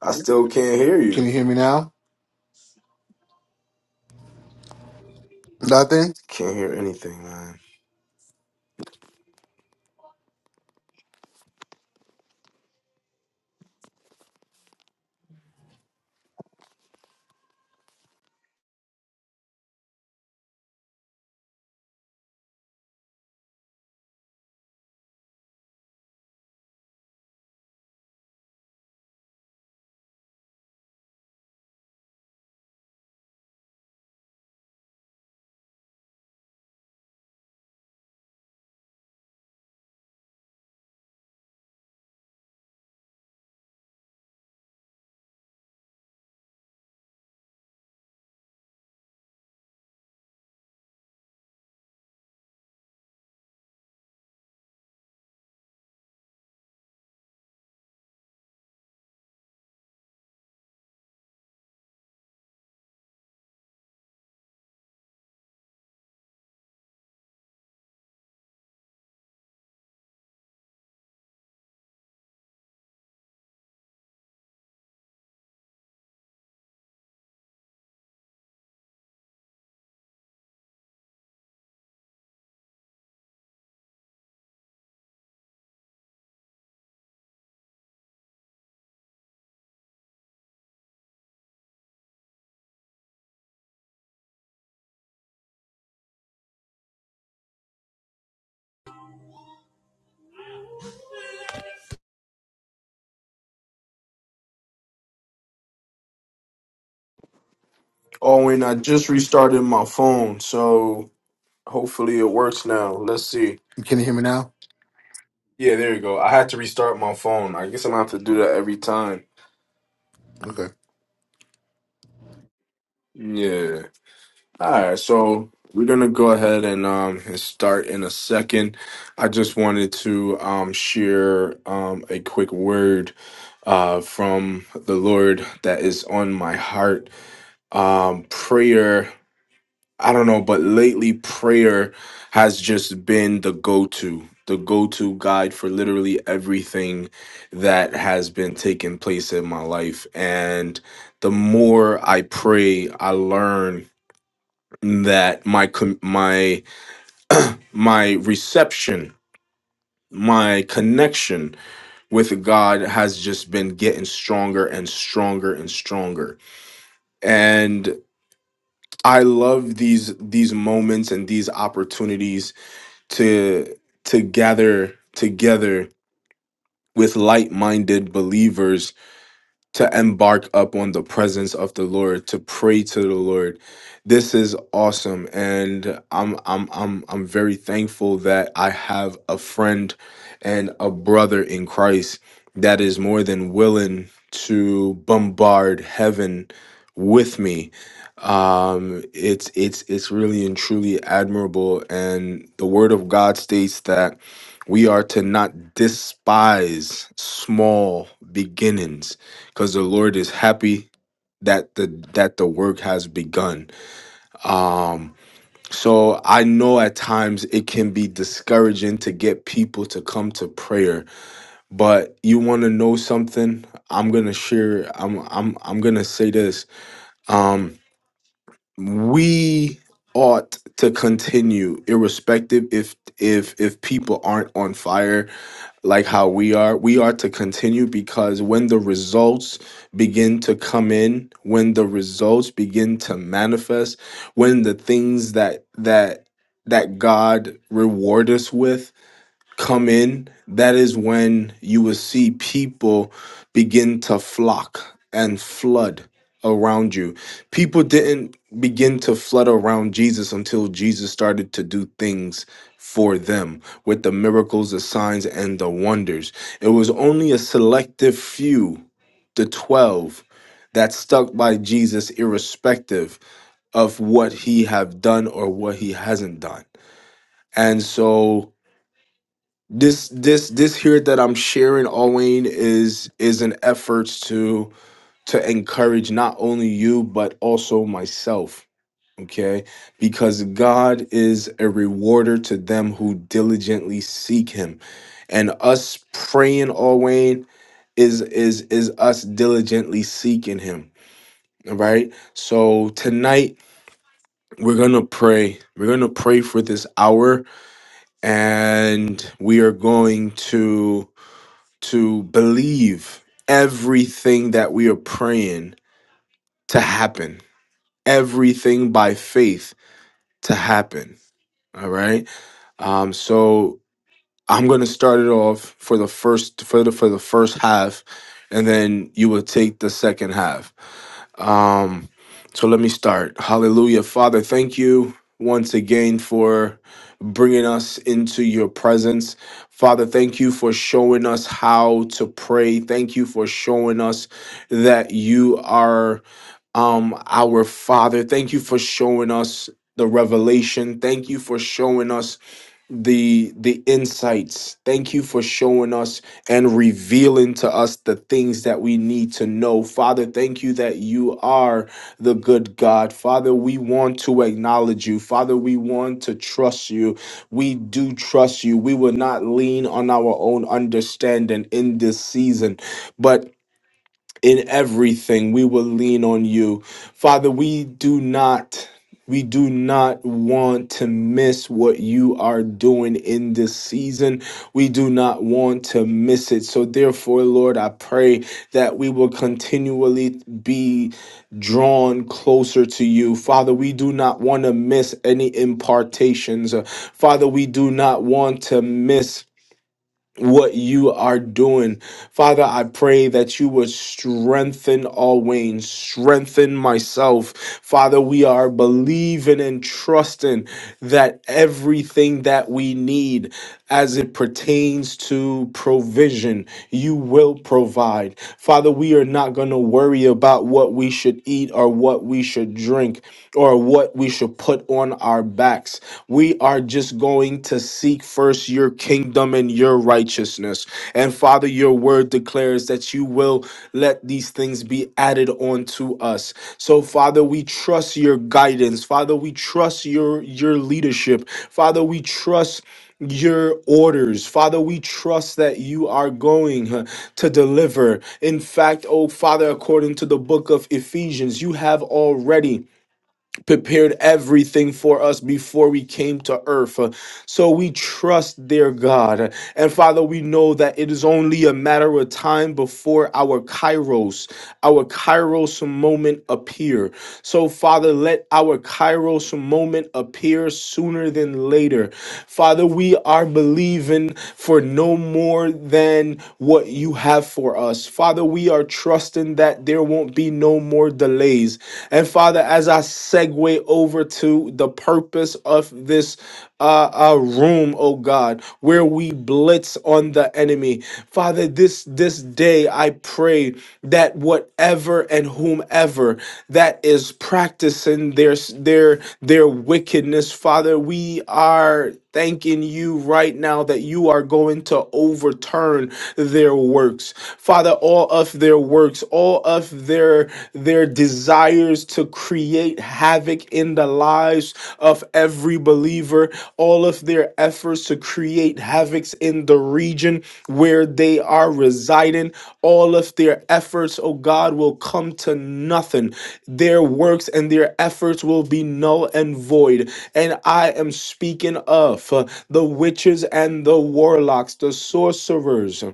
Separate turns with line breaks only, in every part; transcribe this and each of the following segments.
I still can't hear
Can you
you.
hear me now? Nothing?
Can't hear anything, man. Oh, and I just restarted my phone, so hopefully it works now. Let's see.
Can you hear me now?
Yeah, there you go. I had to restart my phone. I guess I'm gonna have to do that every time.
Okay.
Yeah. Alright, so we're gonna go ahead and um and start in a second. I just wanted to um share um a quick word uh from the Lord that is on my heart. Um prayer I don't know, but lately prayer has just been the go to, the go to guide for literally everything that has been taking place in my life. And the more I pray, I learn that my com- my my reception, my connection with God has just been getting stronger and stronger and stronger. And I love these these moments and these opportunities to to gather together with like-minded believers to embark up on the presence of the Lord, to pray to the Lord. This is awesome, and I'm I'm I'm I'm very thankful that I have a friend and a brother in Christ that is more than willing to bombard heaven with me. Um, it's it's it's really and truly admirable, and the Word of God states that we are to not despise small beginnings because the Lord is happy that the that the work has begun. Um so I know at times it can be discouraging to get people to come to prayer, but you want to know something? I'm going to share I'm I'm I'm going to say this. Um we ought to continue irrespective if if if people aren't on fire like how we are we are to continue because when the results begin to come in when the results begin to manifest when the things that that that god reward us with come in, that is when you will see people begin to flock and flood around you. People didn't begin to flood around Jesus until Jesus started to do things for them with the miracles, the signs, and the wonders. It was only a selective few, the 12, that stuck by Jesus irrespective of what he have done or what he hasn't done. And so this this this here that i'm sharing owen is is an effort to to encourage not only you but also myself okay because god is a rewarder to them who diligently seek him and us praying owen is is is us diligently seeking him all right so tonight we're gonna pray we're gonna pray for this hour and we are going to to believe everything that we are praying to happen, everything by faith to happen. All right. Um, so I'm going to start it off for the first for the for the first half, and then you will take the second half. Um, so let me start. Hallelujah. Father, thank you once again for bringing us into your presence. Father, thank you for showing us how to pray. Thank you for showing us that you are um, our Father. Thank you for showing us the revelation. Thank you for showing us the the insights thank you for showing us and revealing to us the things that we need to know father thank you that you are the good god father we want to acknowledge you father we want to trust you we do trust you we will not lean on our own understanding in this season but in everything we will lean on you father we do not we do not want to miss what you are doing in this season. We do not want to miss it. So, therefore, Lord, I pray that we will continually be drawn closer to you. Father, we do not want to miss any impartations. Uh, Father, we do not want to miss what you are doing. Father, I pray that you would strengthen all wings, strengthen myself. Father, we are believing and trusting that everything that we need as it pertains to provision, you will provide. Father, we are not going to worry about what we should eat or what we should drink or what we should put on our backs. We we are just going to seek first your kingdom and your righteousness. And Father, your word declares that you will let these things be added onto us. So Father, we trust your guidance. Father, we trust your your leadership. Father, we trust your orders. Father, we trust that you are going huh, to deliver. In fact, oh Father, according to the book of Ephesians, you have already prepared everything for us before we came to earth. Uh, So we trust, dear God. And Father, we know that it is only a matter of time before our Kairos, our Kairos moment appear. So Father, let our Kairos moment appear sooner than later. Father, we are believing for no more than what you have for us. Father, we are trusting that there won't be no more or delays. And Father, as I segue over to the purpose of this uh, uh, room, oh God, where we blitz on the enemy, Father, this this day I pray that whatever and whomever that is practicing their their their wickedness, Father, we are thanking you right now that you are going to overturn their works. Father, all of the their works, all of their their desires to create havoc in the lives of every believer, all of their efforts to create havocs in the region where they are residing, all of their efforts, oh God, will come to nothing. Their works and their efforts will be null and void. And I am speaking of uh, the witches and the warlocks, the sorcerers,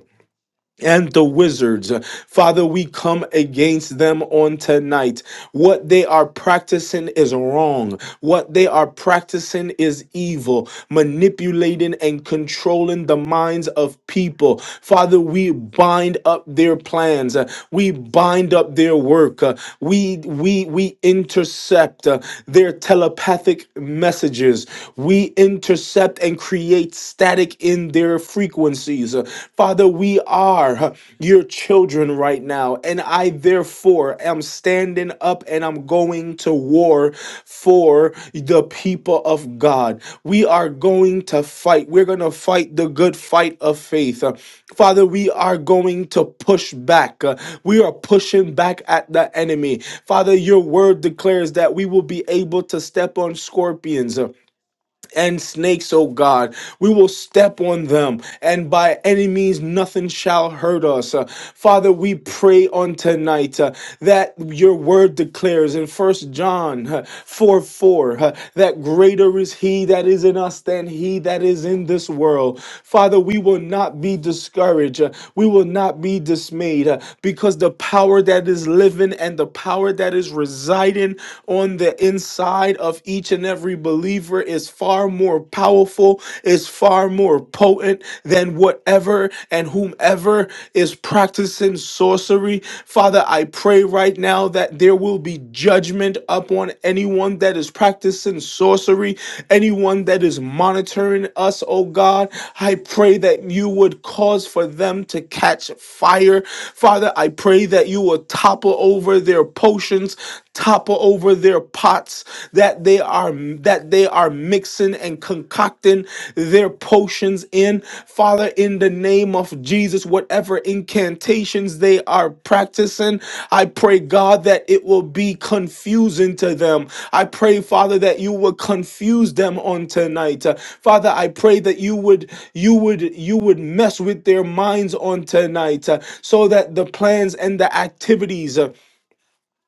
and the wizards. Father, we come against them on tonight. What they are practicing is wrong. What they are practicing is evil, manipulating and controlling the minds of people. Father, we bind up their plans. Uh, We bind up their work. Uh, We we we intercept uh, their telepathic messages. We intercept and create static music in their frequencies. Uh, Father, we are uh, your children right now, and I therefore am standing up and I'm going to war for the people of God. We are going to fight. We're going to fight the good fight of faith. Uh, Father, we are going to push back. Uh, We are pushing back at the enemy. Father, your word declares that we will be able to step on scorpions and snakes, O God. We will step on them, and by any means, nothing shall hurt us. Uh, Father, we pray on tonight uh, that your word declares in First John uh, 4 4 uh, that greater is he that is in us than he that is in this world. Father, we will not be discouraged. uh, We will not be dismayed uh, because the power that is living and the power that is residing on the inside of of each and every believer is far more powerful, is far more potent than whatever and whomever is practicing sorcery. Father, I pray right now that there will be judgment upon anyone that is practicing sorcery, anyone that is monitoring us, oh God. I pray that you would cause for them to catch fire. Father, I pray that you will topple over their potions, topple over their pots that they are that they are mixing and concocting their potions in father in the name of jesus whatever incantations they are practicing i pray god that it will be confusing to them i pray father that you will confuse them on tonight Uh, father i pray that you would you would you would mess with their minds on tonight uh, so that the plans and the activities uh,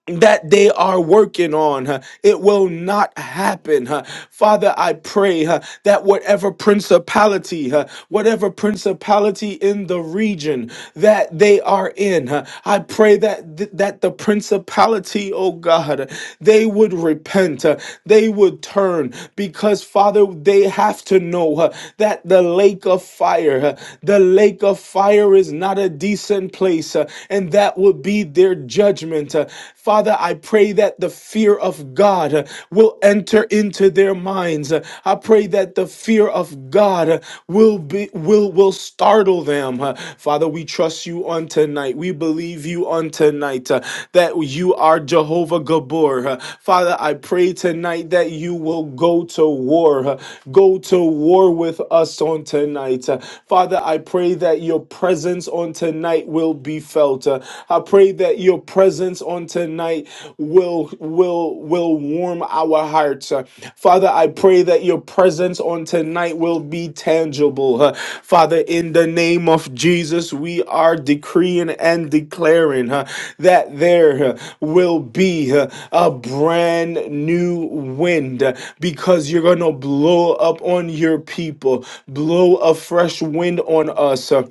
that they are working on. huh, It will not happen. huh. Father, I pray huh, that whatever principality, huh, whatever principality in the region that they are in, huh, I pray that th- that the principality, oh God, they would repent, huh, they would turn because Father, they have to know huh, that the lake of fire, huh, the lake of fire is not a decent place, huh, and that would be be their judgment. Uh, Father, I pray that the fear of God uh, will enter into their minds. Uh, I pray that the fear of God uh, will be will will startle them. Uh, Father, we trust you on tonight. We believe you on tonight uh, that you are Jehovah Gabor. Uh, Father, I pray tonight that you will go to war. uh, Go to war with us on tonight. Uh, Father, I pray that your presence on tonight will will be felt. Uh, I pray that your presence on tonight will will will warm our hearts. Uh, Father, I pray that your presence on tonight will be tangible. Uh, Father, in the name of Jesus, we are decreeing and declaring uh, that there uh, will be uh, a brand new wind uh, because you're going to blow up on your people, blow a fresh wind on us. uh,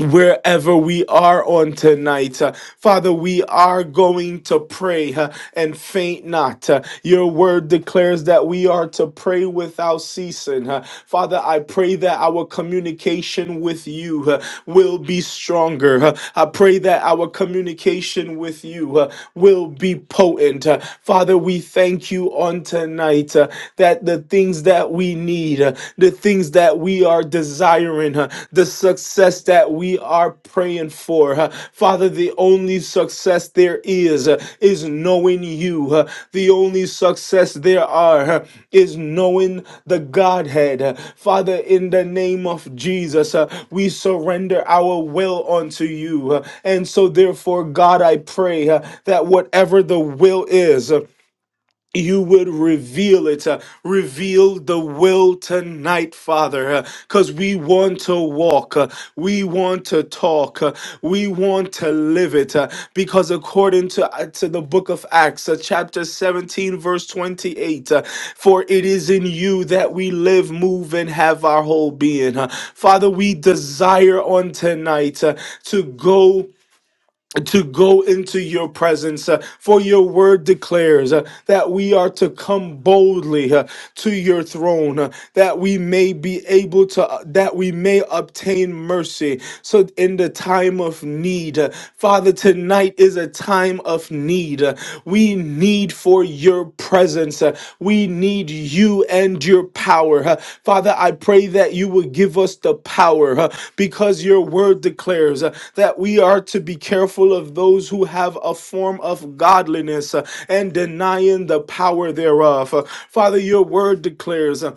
wherever we are on tonight. Uh, Father, we are going to pray uh, and faint not. Uh, Your word declares that we are to pray without ceasing. Uh, Father, I pray that our communication with you uh, will be stronger. Uh, I pray that our communication with you uh, will be potent. Uh, Father, we thank you on tonight uh, that the things that we need, need, uh, the things that we are desiring, uh, the success that we are praying for. uh. Father, the only success there is uh, is knowing you. uh. The only success there are uh, is knowing the Godhead. uh. Father, in the name of Jesus, uh, we surrender our will unto you. uh, And so, therefore, God, I pray uh, that whatever the will is, uh, you would reveal it. uh, reveal the will tonight, Father, because we want to walk. uh, we want to talk. uh, we want to live it. uh, because according to, uh, to the book of Acts, uh, chapter 17, verse 28, uh, for it is in you that we live, move, and have our whole being. uh. Father, we desire on tonight uh, to go to go into your presence, uh, for your word declares uh, that we are to come boldly uh, to your throne, uh, that we may be able to, uh, that we may obtain mercy. So, in the time of need, uh, Father, tonight is a time of need. Uh, we need for for your presence. Uh, We need you and your power. Uh, Father, I pray that you would give us the power uh, because your word declares uh, that we are to be careful of those who have a form of godliness uh, and denying the power thereof. Uh, Father, your word declares. uh,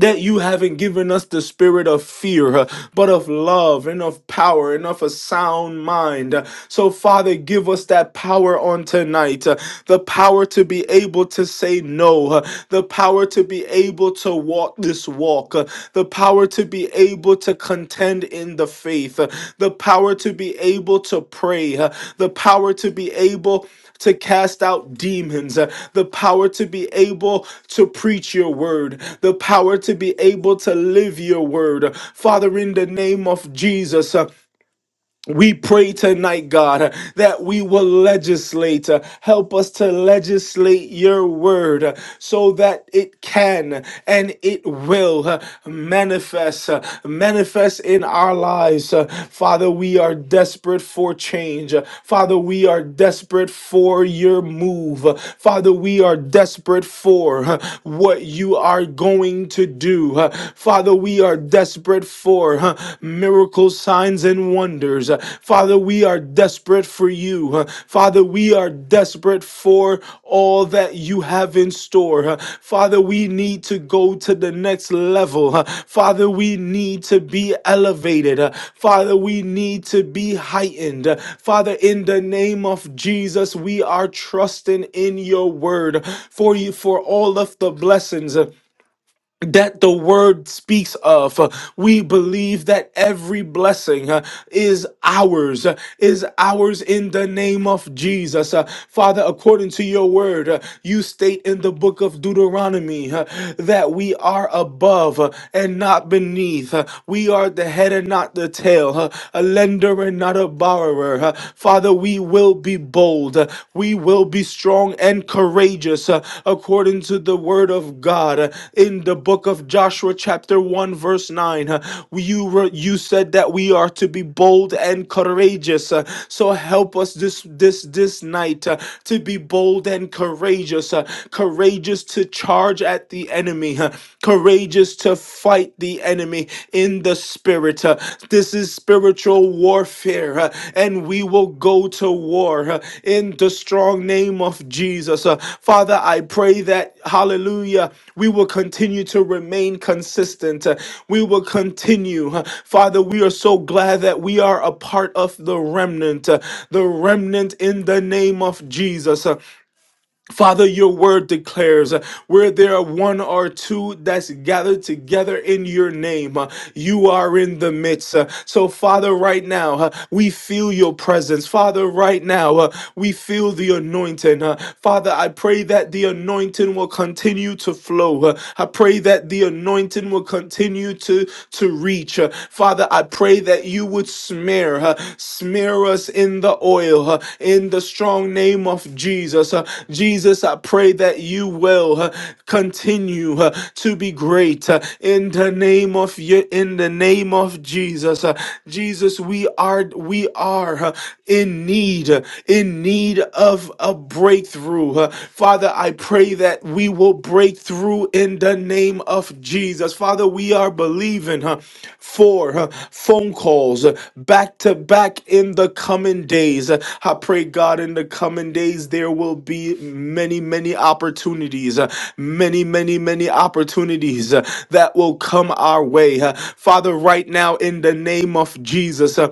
that you haven't given us the spirit of fear, uh, but of love and of power and of a sound mind. Uh, So, Father, give us that power on tonight uh, the power to be able to say no, uh, the power to be able to walk this walk, uh, the power to be able able to contend in the faith, uh, the power to be able to pray, uh, the power to be able to cast out demons, uh, the power to be able to preach your word, the power to be able to live your word. Father, in the name of Jesus, uh, we pray tonight, God, that we will legislate. Help us to legislate your word so that it can and it will manifest, manifest in our lives. Father, we are desperate for change. Father, we are desperate for your move. Father, we are desperate for what you are going to do. Father, we are desperate desperate for huh, miracles, signs, and wonders. Uh, Father, we are desperate for you. huh. Father, we are desperate for all that you have in store. huh. Father, we need to go to the next level. huh. Father, we need to be elevated. uh, Father, we need to be heightened. uh, Father, in the name of Jesus, we are trusting in your word for you for all of the blessings. huh that the word speaks of. Uh, We believe that every blessing uh, is ours, uh, is ours in the name of Jesus. Uh, Father, according to your word, uh, you state in the book of Deuteronomy uh, that we are above uh, and not beneath. Uh, We are the head and not the tail, uh, a lender and not a borrower. Uh, Father, we will be be bold. Uh, We will be strong and courageous uh, according to the word of God. Uh, In the book of Joshua, chapter 1, verse 9, uh, you, were, you said that we are to be bold and courageous. Uh, So help us this, this, this night uh, to be bold and courageous, uh, courageous to charge at the enemy, uh, courageous to fight the enemy enemy in the spirit. Uh, This is spiritual warfare, uh, and we will go to war uh, in the strong name of Jesus. Uh, Father, I pray that, hallelujah, we will continue to remain consistent. Uh, We will continue. uh, Father, we are so glad that we are a part of the remnant, uh, the remnant in the name of Jesus. Uh, Father, your word declares uh, where there are one or two that's gathered together in your name, uh, you are in the midst. Uh, So, Father, right now, uh, we feel your presence. Father, right now, uh, we feel the anointing. Uh, Father, I pray that the anointing will continue to flow. Uh, I pray that the anointing will continue to, to reach. Uh, Father, I pray pray that you would smear, uh, smear us in the oil, uh, in the strong name of Jesus. uh, Jesus, I pray that you will uh, continue uh, to be great uh, in the name of you, in the name of Jesus. uh, Jesus, we are, we are uh, in need, uh, in need of a breakthrough. uh, Father, I pray pray that we will break through in the name of Jesus. Father, we are believing huh, for huh, phone calls uh, back to back in the coming days. Uh, I pray, God, in the coming days, there will be many, many opportunities, uh, many, many, many opportunities uh, that will come our way. Uh, Father, right now, in the name of Jesus, uh,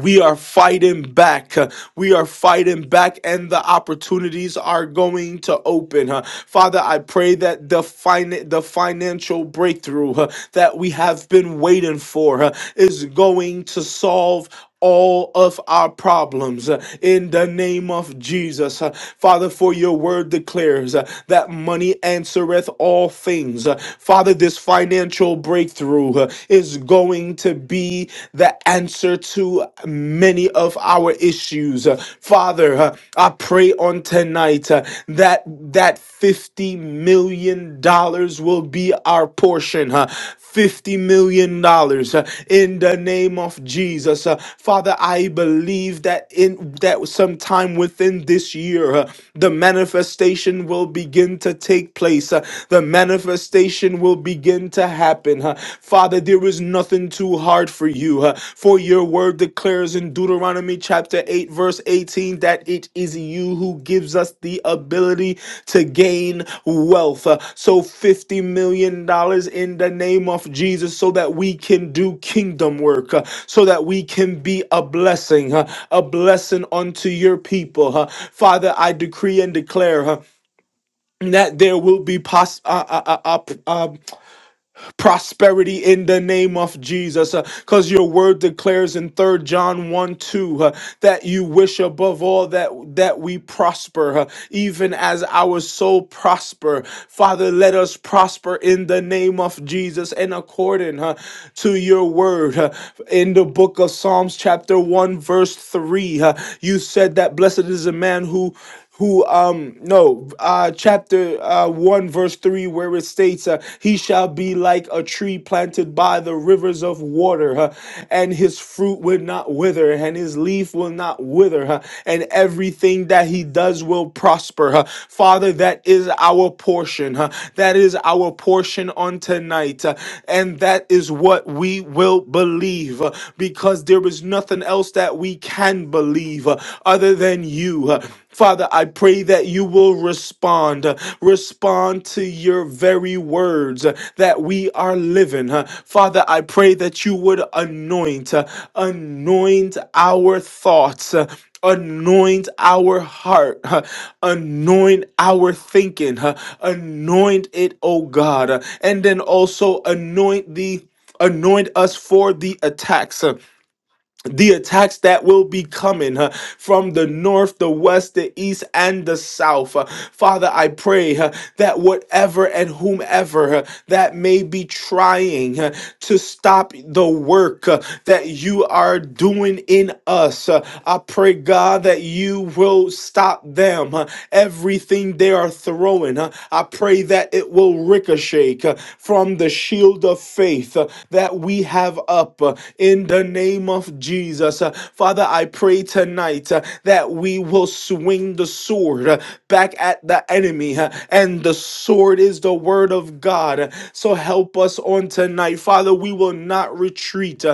we are fighting back. uh, We are fighting back, and the opportunities are going to open. uh. Father, I pray that the fin- the financial breakthrough uh, that we have been waiting for uh, is going to solve. All of our problems uh, in the name of Jesus. Uh, Father, for your word declares uh, that money answereth all things. Uh, Father, this financial breakthrough uh, is is going to be the answer to many of our issues. Uh, Father, uh, I pray on tonight uh, that that 50 million dollars will be our portion. uh, 50 million dollars in the name of Jesus. Uh, Father, I believe that in that sometime within this year uh, the manifestation will begin to take place. Uh, The manifestation manifestation will begin to happen. huh? Father, there is nothing too hard for you, huh? for your word declares in Deuteronomy chapter 8, verse 18, that it is you who gives us the ability to gain wealth. huh? So, $50 million dollars in the name of Jesus, so that we can do kingdom work, huh? so that we can be a blessing, huh? a blessing unto your people. huh? Father, I decree and declare. huh, that there will be pos- uh, uh, uh, uh, p- uh, prosperity in the name of Jesus. Because your word declares in Third John 1 2 uh, that you wish above all that, that we prosper, uh, even as our soul prosper. Father, let us prosper in the name of Jesus and according uh, to your word. uh, in the book of Psalms, chapter 1, verse 3, uh, you said that blessed is a man who who um no uh chapter uh 1 verse 3 where it states uh, he shall be like a tree planted by the rivers of water huh, and his fruit will not wither and his leaf will not wither huh, and everything that he does will prosper huh. father that is our portion huh, that is our portion on tonight uh, and that is what we will believe uh, because there is nothing else that we can believe uh, other than you uh, Father, I pray that you will respond, uh, respond to your very words uh, that we are living. uh. Father, I pray that you would anoint, uh, anoint our thoughts. uh, Anoint our heart, uh, anoint our thinking, uh, anoint it, oh God, uh, and then also anoint the anoint us for the attacks. uh, the attacks that will be coming uh, from the north, the west, the east, and the south. Uh, Father, I pray uh, that whatever and whomever uh, that may be trying uh, to stop the work uh, that you are doing in us, uh, I pray, God, that you will stop them. uh, everything they are throwing going, uh, I pray that it will ricochet uh, from the shield of faith uh, that we have up uh, in the name of Jesus. Uh, Father, I pray tonight uh, that we will swing the sword uh, back at the enemy, uh, and the sword is the word of God. So help us on tonight. Father, we will not retreat. Uh,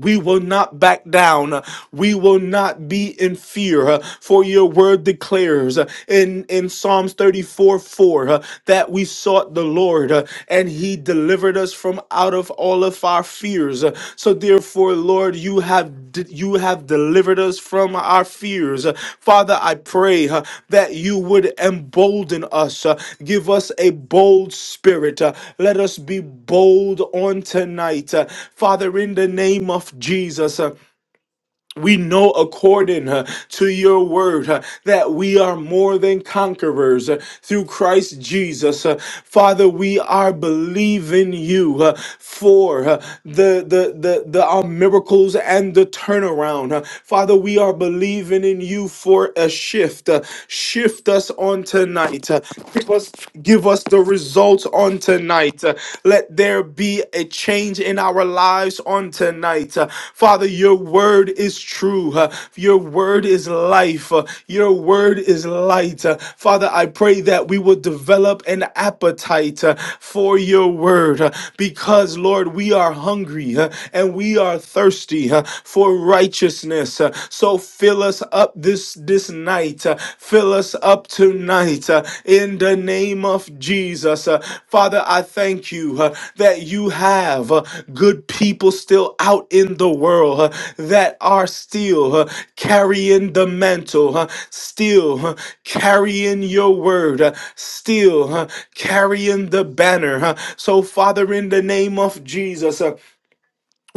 we will not back down. We will not be in fear. huh, For your word declares uh, in, in Psalms 34 4 uh, that we sought the Lord uh, and he delivered us from out of all of our fears. Uh, So, therefore, Lord, Lord, you have you have delivered us from our fears. Uh, Father, I pray uh, that you would embolden us, uh, give us a bold spirit. uh, Let us be bold on tonight. Uh, Father, in the name of Jesus, uh, we know according uh, to your word uh, that we are more than conquerors uh, through Christ Jesus. Uh, Father, we are believing you uh, for uh, the, the, the, the our miracles and the turnaround. Uh, Father, we are believing in you for a shift. Uh, shift us on tonight. Uh, give, us, give us the results on tonight tonight. Uh, Let there be a change in our lives on tonight. Uh, Father, your word is true. Uh, Your word is life. Uh, Your word is light. Uh, Father, I pray that we will develop an appetite uh, for your word uh, because, Lord, we are hungry uh, and we are thirsty uh, for righteousness. Uh, So fill us up this this this night. Uh, Fill us up tonight uh, in the name of Jesus. Uh, Father, I thank you uh, that you have uh, good people still out in the world uh, that are still uh, carrying the mantle, uh, still uh, carrying your word, uh, still uh, carrying the banner. uh. So, Father, in the name of Jesus, uh,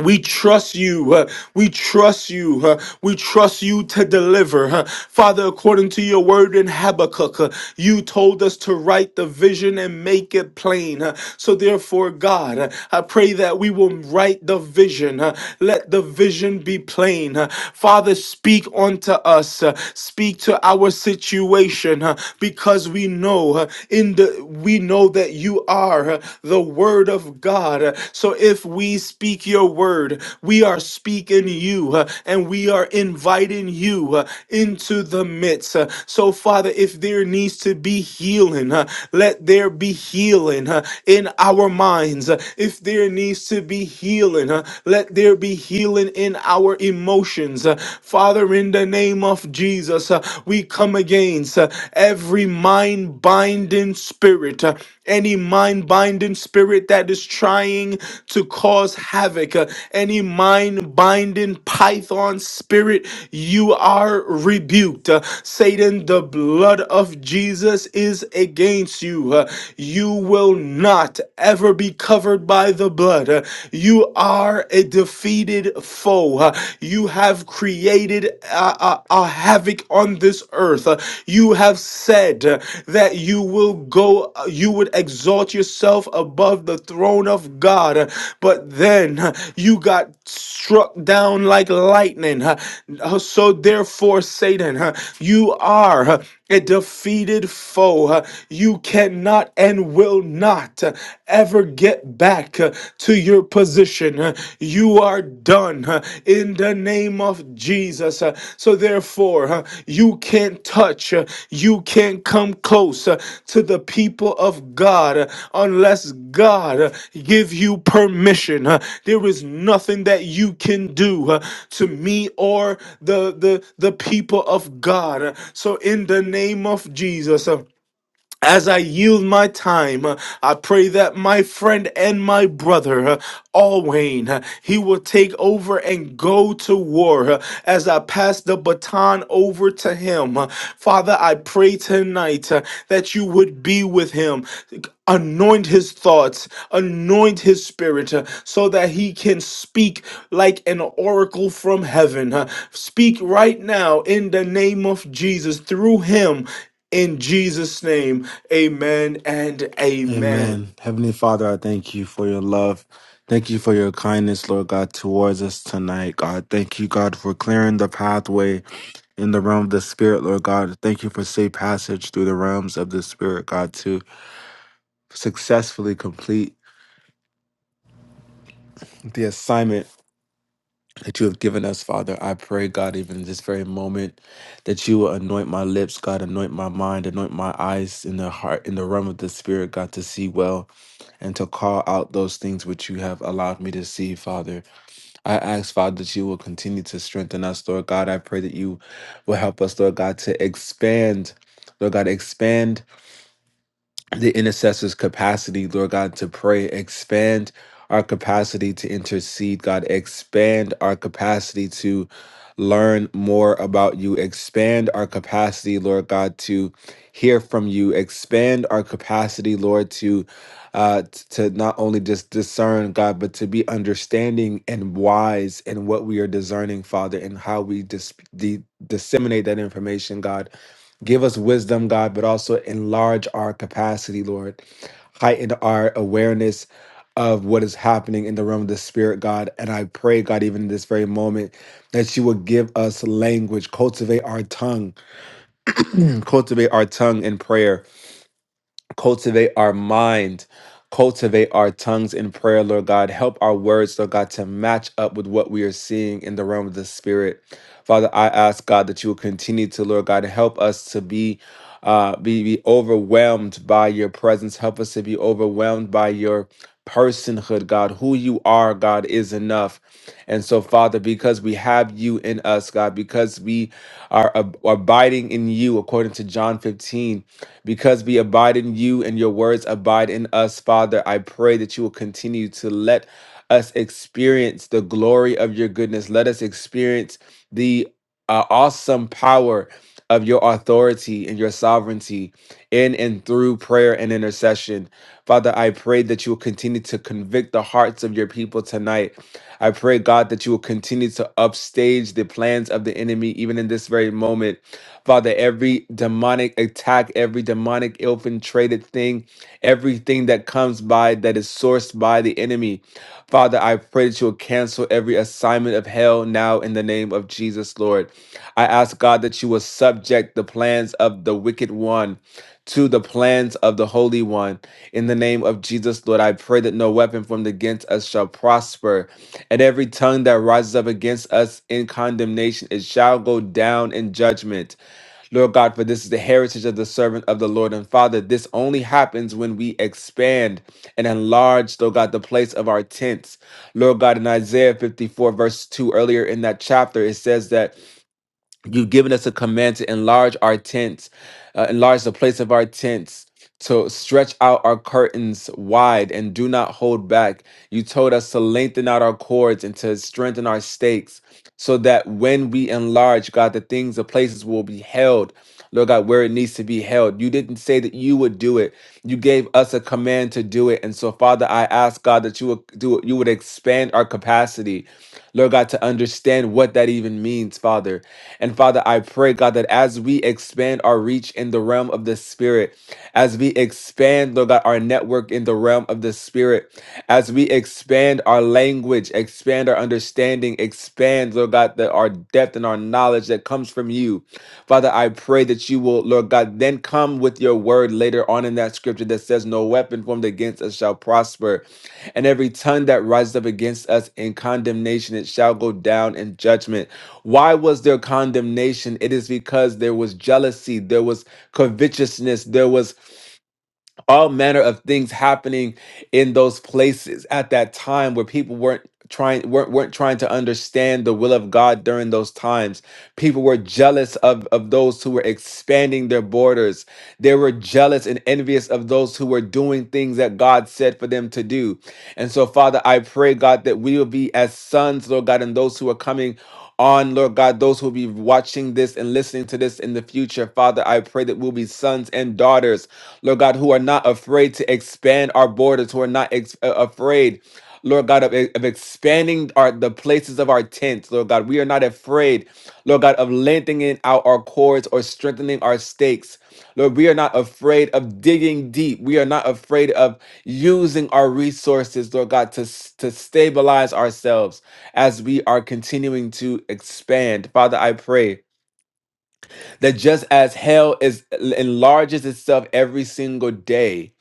we trust you. uh, we trust you. uh, we trust you to deliver. uh. Father, according to your word in Habakkuk, uh, you told us to write the vision and make it plain. uh. so, therefore, God, uh, I pray that we will write the vision. uh. let the vision be plain. uh. Father, speak unto us. uh, speak to our situation uh, because we know uh, in the we know that you you are the Word of God. So if we speak your word, we are speaking you uh, and we are inviting you uh, into the midst. Uh, So, Father, if there needs to be healing, uh, let there be healing uh, in our minds. Uh, If there needs to be healing, uh, let there be healing in our emotions. Uh, Father, in the name of Jesus, uh, we come against uh, every mind binding spirit, uh, any mind binding spirit that is trying to cause havoc, uh, any mind binding python spirit, you are rebuked. Uh, Satan, the blood of Jesus is against you. Uh, You will not ever be covered by the blood. Uh, You are a defeated foe. Uh, uh, you have created uh, uh, uh, havoc on this earth. Uh, you have said uh, that you will go, uh, you would exalt yourself above the throne of God. Uh, but then uh, you got struck down like lightning. Uh, uh, so therefore, Satan, uh, you are. uh, a defeated foe. Uh, You cannot and will not uh, ever get back uh, to your position. Uh, You are done uh, in the name of Jesus. Uh, So therefore, uh, you can't touch, uh, you can't can't come close uh, to the people of God uh, unless God uh, give you permission. uh, There is nothing that you can do uh, to me or the the the people of God. Uh, So in the name of Jesus. uh, as I yield my time, uh, I pray that my friend and my brother, uh, Alwayne, uh, he will take over and go to war uh, as I pass the baton over to him. Uh, Father, I pray tonight uh, that you would be with him. Anoint his thoughts, anoint his spirit uh, so that he can speak like an oracle from heaven. uh, Speak right now in the name of Jesus through him in Jesus' name, amen and amen.
Amen. Heavenly Father, I thank you for your love. Thank you for your kindness, Lord God, towards us tonight, God. Thank you, God, for clearing the pathway in the realm of the Spirit, Lord God. Thank you for safe passage through the realms of the Spirit, God, to successfully complete the assignment that you have given us, Father. I pray, God, even in this very moment, that you will anoint my lips, God, anoint my mind, anoint my eyes in the heart, in the realm of the spirit, God, to see well and to call out those things which you have allowed me to see, Father. I ask, Father, that you will continue to strengthen us, Lord God. I pray that you will help us, Lord God, to expand, Lord God, expand the intercessor's capacity, Lord God, to pray, expand our capacity to intercede, God, expand our capacity to learn more about you, expand our capacity, Lord God, to hear from you, expand our capacity, Lord, to uh, t- to not only just discern God, but to be understanding and wise in what we are discerning, Father, and how we dis- de- disseminate that information, God Give us wisdom, God, but also enlarge our capacity, Lord. Heighten our awareness of what is happening in the realm of the spirit, God. And I pray, God, even in this very moment, that you will give us language, cultivate our tongue, cultivate our tongue in prayer cultivate our mind, cultivate our tongues in prayer, Lord God. Help our words, Lord God, to match up with what we are seeing in the realm of the Spirit. Father, I ask God that you will continue to, Lord God, help us to be. Uh, be, be overwhelmed by your presence. Help us to be overwhelmed by your personhood, God. Who you are, God, is enough. And so, Father, because we have you in us, God, because we are ab- abiding in you, according to John 15, because we abide in you and your words abide in us, Father, I pray that you will continue to let us experience the glory of your goodness. Let us experience the uh, awesome power of your authority and your sovereignty in and through prayer and intercession. Father, I pray that you will continue to convict the hearts of your people tonight. I pray, God, that you will continue to upstage the plans of the enemy, even in this very moment. Father, every demonic attack, every demonic infiltrated thing, everything that comes by that is sourced by the enemy. Father, I pray that you will cancel every assignment of hell now in the name of Jesus, Lord. I ask God that you will subject the plans of the wicked one to the plans of the Holy One. In the name of Jesus, Lord, I pray that no weapon formed against us shall prosper, and every tongue that rises up against us in condemnation, it shall go down in judgment. Lord God, for this is the heritage of the servant of the Lord and Father. This only happens when we expand and enlarge, Lord God, the place of our tents. Lord God, in Isaiah 54, verse 2, earlier in that chapter, it says that You've given us a command to enlarge our tents, uh, enlarge the place of our tents, to stretch out our curtains wide and do not hold back. You told us to lengthen out our cords and to strengthen our stakes so that when we enlarge, God, the things, the places will be held, Lord God, where it needs to be held. You didn't say that you would do it. You gave us a command to do it. And so, Father, I ask God that you would do it, you would expand our capacity, Lord God, to understand what that even means, Father. And Father, I pray, God, that as we expand our reach in the realm of the Spirit, as we expand, Lord God, our network in the realm of the Spirit, as we expand our language, expand our understanding, expand, Lord God, the, our depth and our knowledge that comes from you. Father, I pray that you will, Lord God, then come with your word later on in that scripture that says, No weapon formed against us shall prosper, and every tongue that rises up against us in condemnation, it shall go down in judgment. Why was there condemnation? It is because there was jealousy, there was covetousness, there was all manner of things happening in those places at that time where people weren't trying weren't, weren't trying to understand the will of God during those times. People were jealous of, of those who were expanding their borders. They were jealous and envious of those who were doing things that God said for them to do. And so Father, I pray God that we will be as sons, Lord God, and those who are coming on, Lord God, those who will be watching this and listening to this in the future. Father, I pray that we'll be sons and daughters Lord God, who are not afraid to expand our borders, who are not ex- uh, afraid, Lord God, of, of expanding our the places of our tents, Lord God. We are not afraid, Lord God, of lengthening out our cords or strengthening our stakes. Lord, we are not afraid of digging deep. We are not afraid of using our resources, Lord God, to, s- to stabilize ourselves as we are continuing to expand. Father, I pray that just as hell is enlarges itself every single day,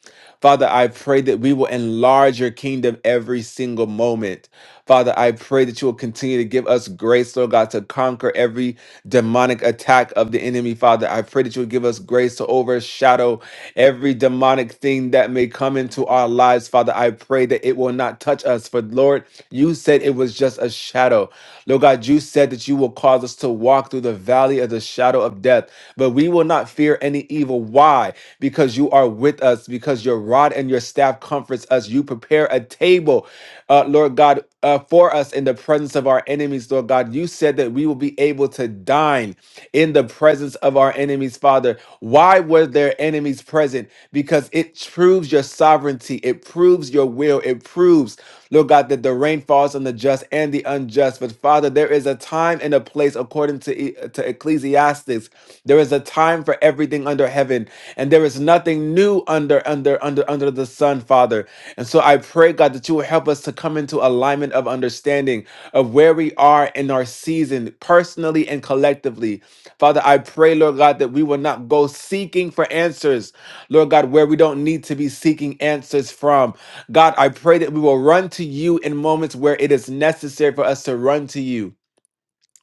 Father, I pray that we will enlarge your kingdom every single moment. Father, I pray that you will continue to give us grace, Lord God, to conquer every demonic attack of the enemy. Father, I pray that you will give us grace to overshadow every demonic thing that may come into our lives. Father, I pray that it will not touch us. For Lord, you said it was just a shadow. Lord God, you said that you will cause us to walk through the valley of the shadow of death, but we will not fear any evil. Why? Because you are with us, because your rod and your staff comforts us. You prepare a table, uh, Lord God, uh, for us in the presence of our enemies, Lord God. You said that we will be able to dine in the presence of our enemies, Father. Why were their enemies present? Because it proves your sovereignty, it proves your will, it proves, Lord God, that the rain falls on the just and the unjust. But Father, there is a time and a place according to, E- to Ecclesiastes. There is a time for everything under heaven, and there is nothing new under under under under the sun, Father. And so I pray, God, that you will help us to come into alignment of understanding of where we are in our season, personally and collectively. Father, I pray, Lord God, that we will not go seeking for answers, Lord God, where we don't need to be seeking answers from. God, I pray that we will run to you in moments where it is necessary for us to run to you.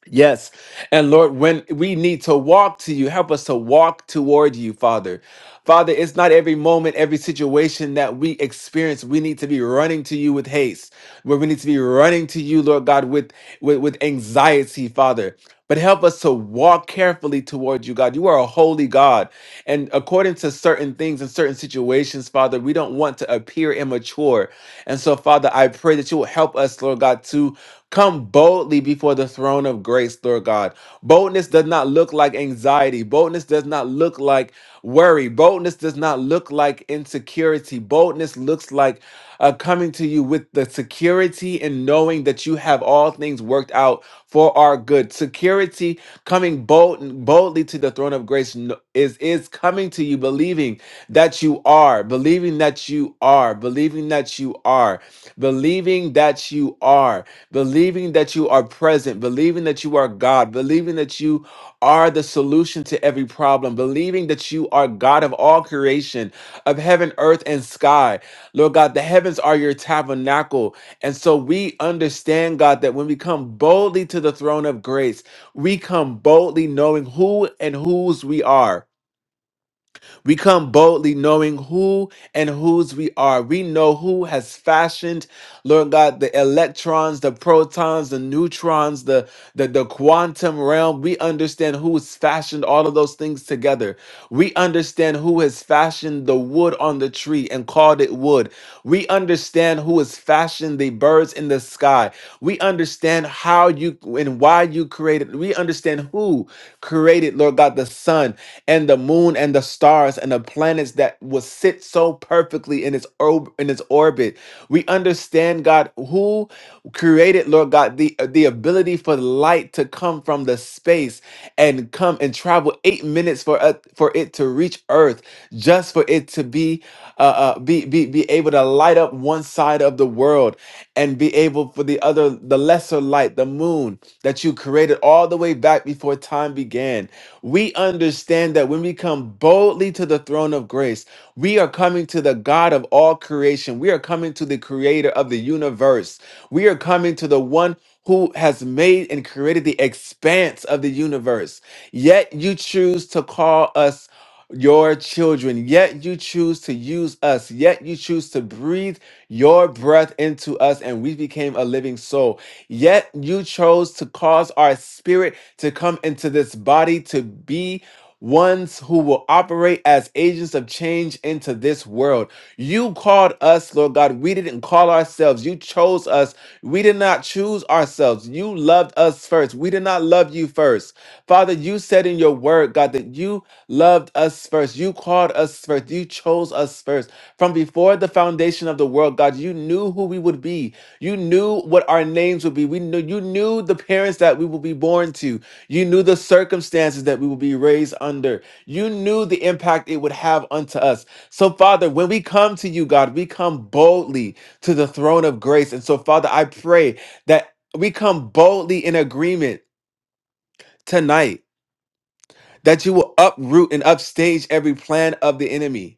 Yes. And Lord, when we need to walk to you, help us to walk toward you, Father. Father, it's not every moment, every situation that we experience. We need to be running to you with haste, where we need to be running to you, Lord God, with, with, with anxiety, Father. But help us to walk carefully toward you, God. You are a holy God. And according to certain things and certain situations, Father, we don't want to appear immature. And so, Father, I pray that you will help us, Lord God, to Come boldly before the throne of grace, Lord God. Boldness does not look like anxiety. Boldness does not look like worry. Boldness does not look like insecurity. Boldness looks like uh, coming to you with the security and knowing that you have all things worked out for our good. Security coming bold, boldly to the throne of grace kn- is is coming to you believing that you are, believing that you are, believing that you are, believing that you are believing that you are present, believing that you are God, believing that you are the solution to every problem, believing that you are God of all creation, of heaven, earth, and sky. Lord God, the heavens are your tabernacle. And so we understand, God, that when we come boldly to the throne of grace, we come boldly knowing who and whose we are. We come boldly knowing who and whose we are. We know who has fashioned, Lord God, the electrons, the protons, the neutrons, the, the, the quantum realm. We understand who has fashioned all of those things together. We understand who has fashioned the wood on the tree and called it wood. We understand who has fashioned the birds in the sky. We understand how you and why you created. We understand who created, Lord God, the sun and the moon and the stars and the planets that will sit so perfectly in its orb in its orbit. We understand God who created Lord God the the ability for light to come from the space and come and travel 8 minutes for uh, for it to reach earth just for it to be uh, uh be, be be able to light up one side of the world and be able for the other the lesser light the moon that you created all the way back before time began we understand that when we come boldly to the throne of grace, we are coming to the God of all creation. We are coming to the creator of the universe. We are coming to the one who has made and created the expanse of the universe. Yet you choose to call us your children. Yet you choose to use us. Yet you choose to breathe your breath into us and we became a living soul. Yet you chose to cause our spirit to come into this body to be ones who will operate as agents of change into this world. You called us, Lord God. We didn't call ourselves. You chose us. We did not choose ourselves. You loved us first. We did not love you first. Father, you said in your word, God, that you loved us first. You called us first. You chose us first. From before the foundation nation of the world, God, you knew who we would be. You knew what our names would be. We knew you knew the parents that we will be born to. You knew the circumstances that we will be raised under. You knew the impact it would have unto us. So, Father, when we come to you, God, we come boldly to the throne of grace. And so, Father, I pray that we come boldly in agreement tonight that you will uproot and upstage every plan of the enemy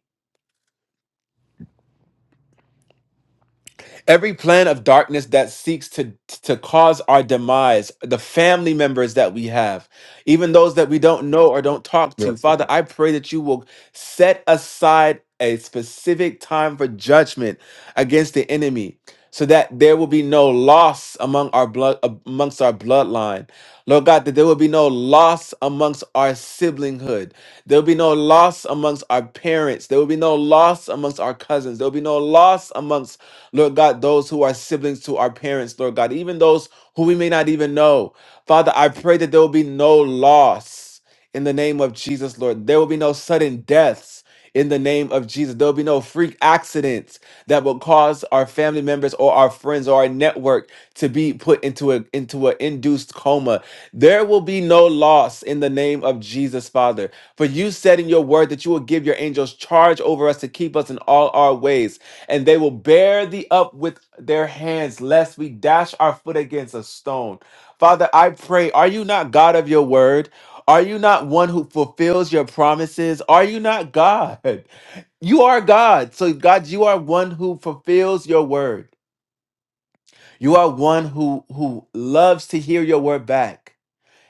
Every plan of darkness that seeks to, to cause our demise, the family members that we have, even those that we don't know or don't talk to,
Yes, sir.
Father, I pray that you will set aside a specific time for judgment against the enemy so that there will be no loss among our blood amongst our bloodline lord god that there will be no loss amongst our siblinghood there will be no loss amongst our parents there will be no loss amongst our cousins there will be no loss amongst Lord God, those who are siblings to our parents, Lord God, even those who we may not even know. Father, I pray that there will be no loss in the name of Jesus, Lord. There will be no sudden deaths in the name of Jesus. There will be no freak accidents that will cause our family members or our friends or our network to be put into a into an induced coma. There will be no loss in the name of Jesus, Father. For you said in your word that you will give your angels charge over us to keep us in all our ways and they will bear thee up with their hands, lest we dash our foot against a stone. Father, I pray, are you not God of your word? Are you not one who fulfills your promises? Are you not God? You are God. So, God, you are one who fulfills your word. You are one who, who loves to hear your word back.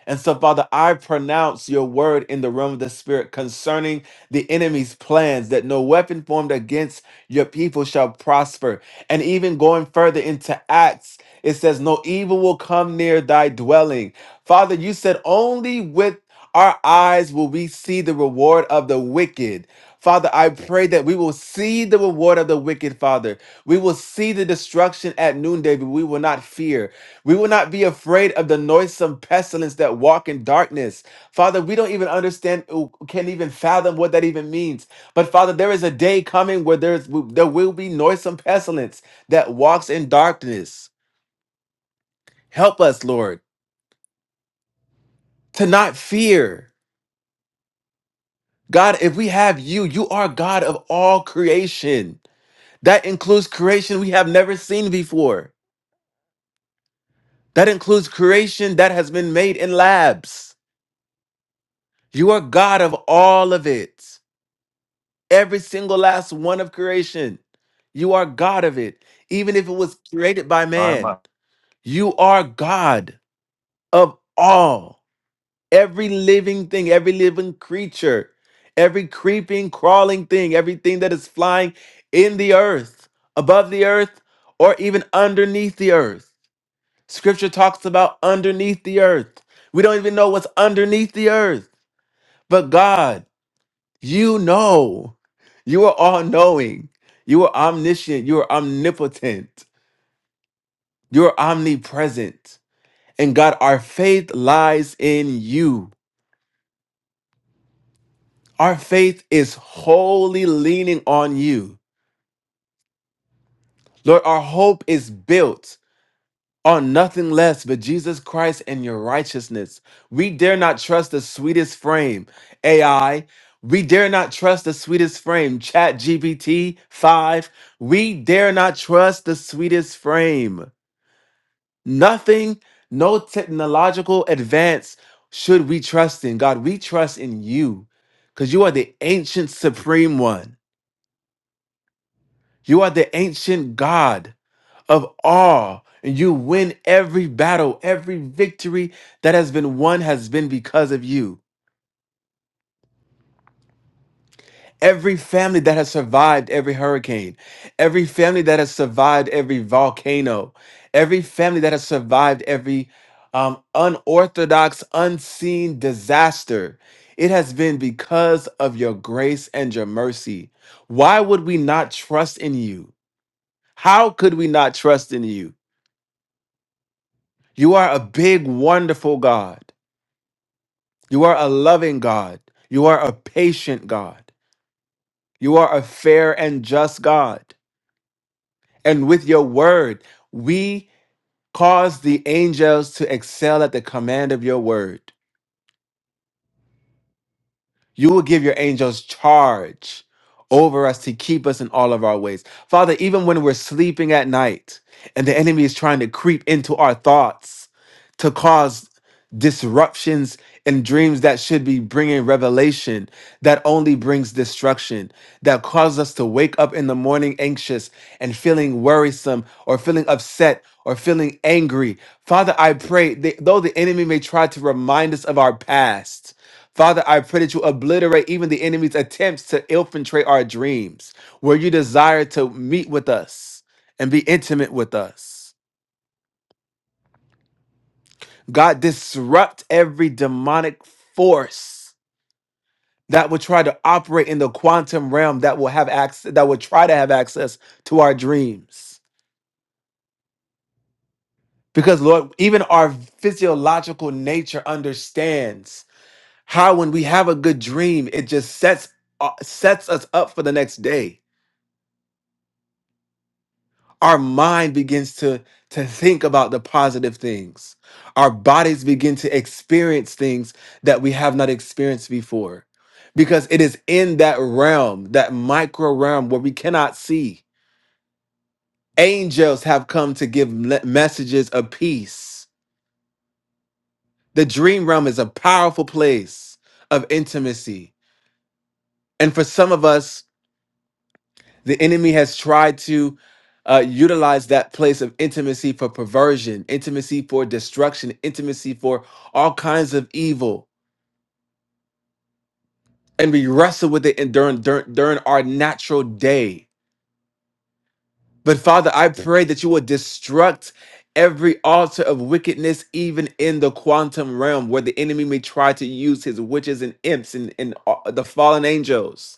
And so, Father, I pronounce your word in the realm of the Spirit concerning the enemy's plans that no weapon formed against your people shall prosper. And even going further into Acts, it says, No evil will come near thy dwelling. Father, you said, Only with our eyes will we see the reward of the wicked. Father, I pray that we will see the reward of the wicked, Father. We will see the destruction at noonday, but we will not fear. We will not be afraid of the noisome pestilence that walk in darkness. Father, we don't even understand, oh, can't even fathom what that even means. But Father, there is a day coming where there's there will be noisome pestilence that walks in darkness. Help us, Lord, to not fear. God, if we have you, you are God of all creation. That includes creation we have never seen before. That includes creation that has been made in labs. You are God of all of it. Every single last one of creation. You are God of it. Even if it was created by
My,
man,
my.
you are God of all. Every living thing, every living creature, every creeping, crawling thing, everything that is flying in the earth, above the earth, or even underneath the earth. Scripture talks about underneath the earth. We don't even know what's underneath the earth, but God. You know. You are all knowing. You are omniscient. You are omnipotent. You are omnipresent. And God, our faith lies in you. Our faith is wholly leaning on you. Lord, our hope is built. on nothing less but Jesus Christ and your righteousness. We dare not trust the sweetest frame, AI. We dare not trust the sweetest frame, Chat GPT 5. We dare not trust the sweetest frame. Nothing, no technological advance should we trust in. God, we trust in you because you are the ancient supreme one. You are the ancient God. of awe. And you win every battle, every victory that has been won has been because of you. Every family that has survived every hurricane, every family that has survived every volcano, every family that has survived every um, unorthodox, unseen disaster, it has been because of your grace and your mercy. Why would we not trust in you? How could we not trust in you? You are a big, wonderful God. You are a loving God. You are a patient God. You are a fair and just God. And with your word, we cause the angels to excel at the command of your word. You will give your angels charge over us to keep us in all of our ways. Father, even when we're sleeping at night and the enemy is trying to creep into our thoughts to cause disruptions in dreams that should be bringing revelation that only brings destruction that cause us to wake up in the morning anxious and feeling worrisome or feeling upset or feeling angry father i pray that though the enemy may try to remind us of our past Father, I pray that you obliterate even the enemy's attempts to infiltrate our dreams, where you desire to meet with us and be intimate with us. God, disrupt every demonic force that would try to operate in the quantum realm that will have access, that will try to have access to our dreams. Because Lord, even our physiological nature understands how when we have a good dream, it just sets uh, sets us up for the next day our mind begins to to think about the positive things our bodies begin to experience things that we have not experienced before because it is in that realm that micro realm where we cannot see angels have come to give le- messages of peace the dream realm is a powerful place of intimacy and for some of us The enemy has tried to uh, utilize that place of intimacy for perversion, intimacy for destruction, intimacy for all kinds of evil. And we wrestle with it in, during, during, during our natural day. But Father, I pray that you will destruct every altar of wickedness, even in the quantum realm, where the enemy may try to use his witches and imps and, and uh, the fallen angels.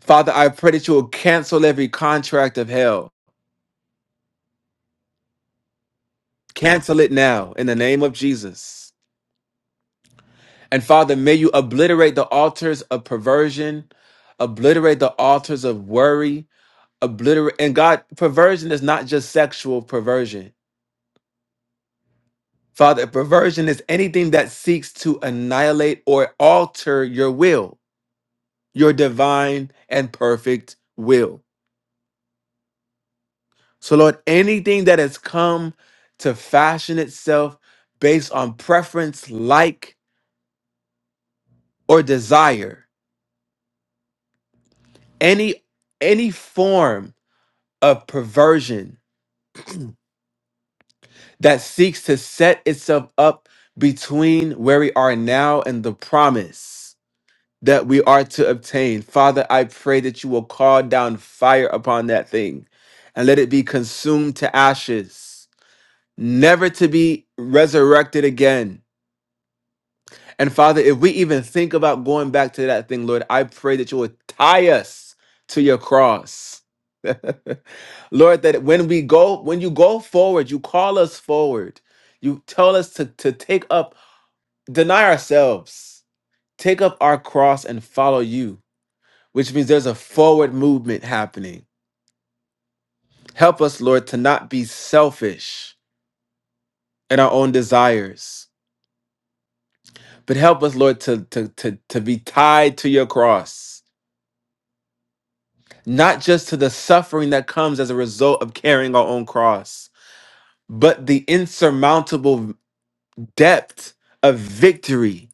Father, I pray that you will cancel every contract of hell. Cancel it now in the name of Jesus. And Father, may you obliterate the altars of perversion, obliterate the altars of worry, obliterate. And God, perversion is not just sexual perversion. Father, perversion is anything that seeks to annihilate or alter your will, your divine and perfect will. So, Lord, anything that has come to fashion itself based on preference, like, or desire. any any form of perversion that seeks to set itself up between where we are now and the promise that we are to obtain father i pray that you will call down fire upon that thing and let it be consumed to ashes never to be resurrected again And Father, if we even think about going back to that thing, Lord, I pray that you would tie us to your cross. Lord, that when we go, when you go forward, you call us forward. You tell us to, to take up, deny ourselves, take up our cross and follow you, which means there's a forward movement happening. Help us, Lord, to not be selfish in our own desires, but help us, Lord, to, to, to, to be tied to your cross not just to the suffering that comes as a result of carrying our own cross, but the insurmountable depth of victory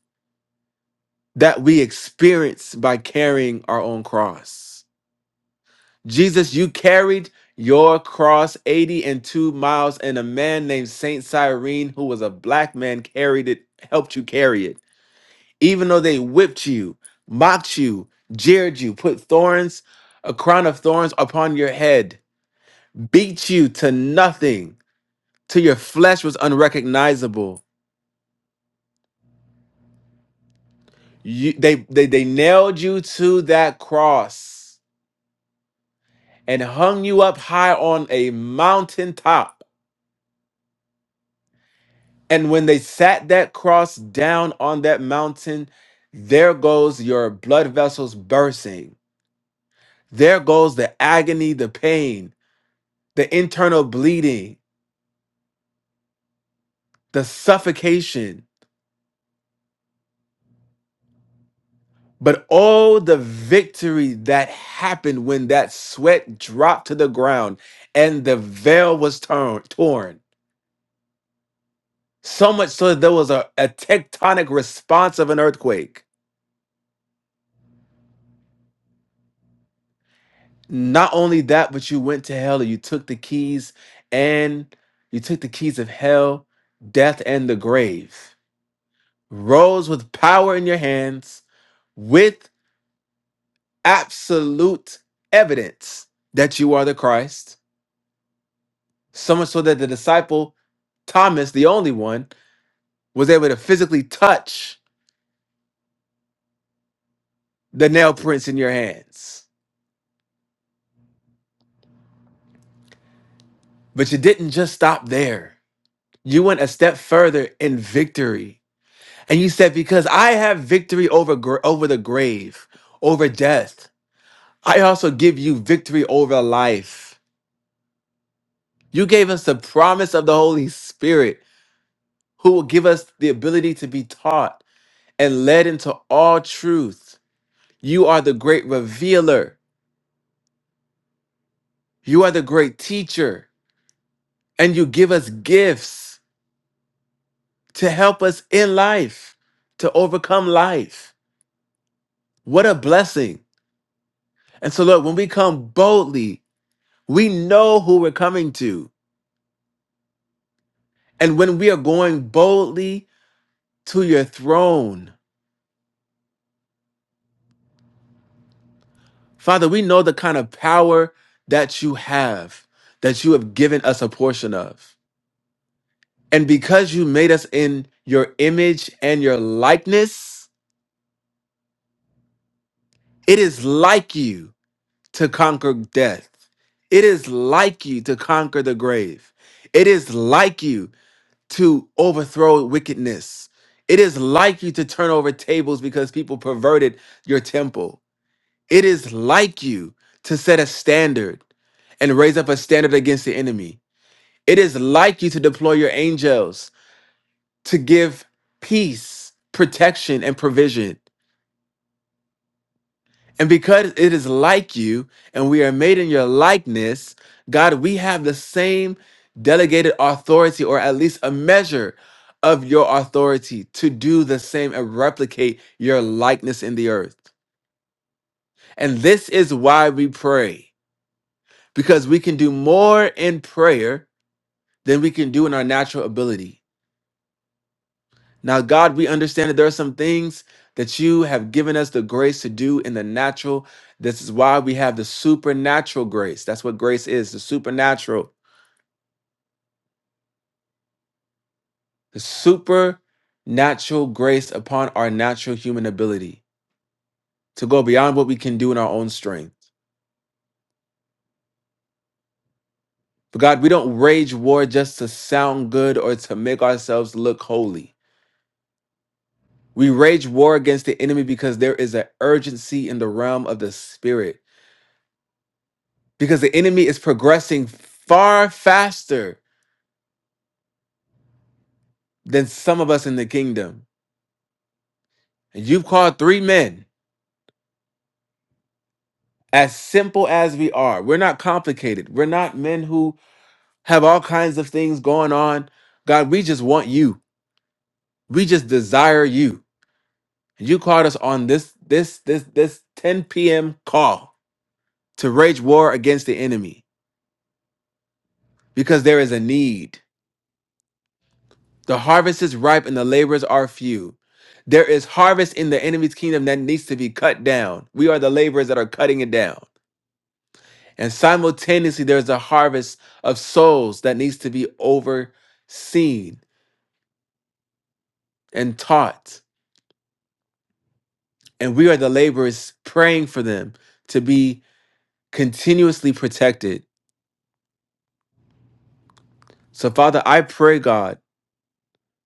that we experience by carrying our own cross. Jesus, you carried your cross 80 and 2 miles, and a man named Saint Cyrene, who was a black man, carried it, helped you carry it. Even though they whipped you, mocked you, jeered you, put thorns, a crown of thorns upon your head beat you to nothing till your flesh was unrecognizable. You, they, they, they nailed you to that cross and hung you up high on a mountaintop. And when they sat that cross down on that mountain, there goes your blood vessels bursting. There goes the agony, the pain, the internal bleeding, the suffocation But oh, the victory that happened when that sweat dropped to the ground and the veil was torn. torn. So much so that there was a, a tectonic response of an earthquake. Not only that, but you went to hell and you took the keys and you took the keys of hell, death, and the grave. Rose with power in your hands, with absolute evidence that you are the Christ So much so that the disciple, Thomas, the only one, was able to physically touch the nail prints in your hands. But you didn't just stop there. You went a step further in victory. And you said, Because I have victory over, gr- over the grave, over death, I also give you victory over life. You gave us the promise of the Holy Spirit, who will give us the ability to be taught and led into all truth. You are the great revealer. You are the great teacher, and you give us gifts to help us in life, to overcome life. What a blessing. And so, Lord, when we come boldly, we know who we're coming to. And when we are going boldly to your throne, Father, we know the kind of power that you have, that you have given us a portion of. And because you made us in your image and your likeness, it is like you. to conquer death. It is like you to conquer the grave. It is like you to overthrow wickedness. It is like you to turn over tables because people perverted your temple. It is like you to set a standard and raise up a standard against the enemy. It is like you to deploy your angels to give peace, protection, and provision. And because it is like you and we are made in your likeness, God, we have the same delegated authority or at least a measure of your authority to do the same and replicate your likeness in the earth. And this is why we pray because we can do more in prayer than we can do in our natural ability. Now, God, we understand that there are some things that you have given us the grace to do in the natural. This is why we have the supernatural grace. That's what grace is the supernatural, the supernatural grace upon our natural human ability to go beyond what we can do in our own strength. But God, we don't rage war just to sound good or to make ourselves look holy. We rage war against the enemy because there is an urgency in the realm of the spirit. because the enemy is progressing far faster than some of us in the kingdom. And you've called three men as simple as we are. We're not complicated. We're not men who have all kinds of things going on. God, we just want you. We just desire you. And you called us on this this this this 10 p.m. call to wage war against the enemy because there is a need. The harvest is ripe and the laborers are few. There is harvest in the enemy's kingdom that needs to be cut down. We are the laborers that are cutting it down. And simultaneously, there's a harvest of souls that needs to be overseen and taught. And we are the laborers praying for them to be continuously protected. So, Father, I pray, God,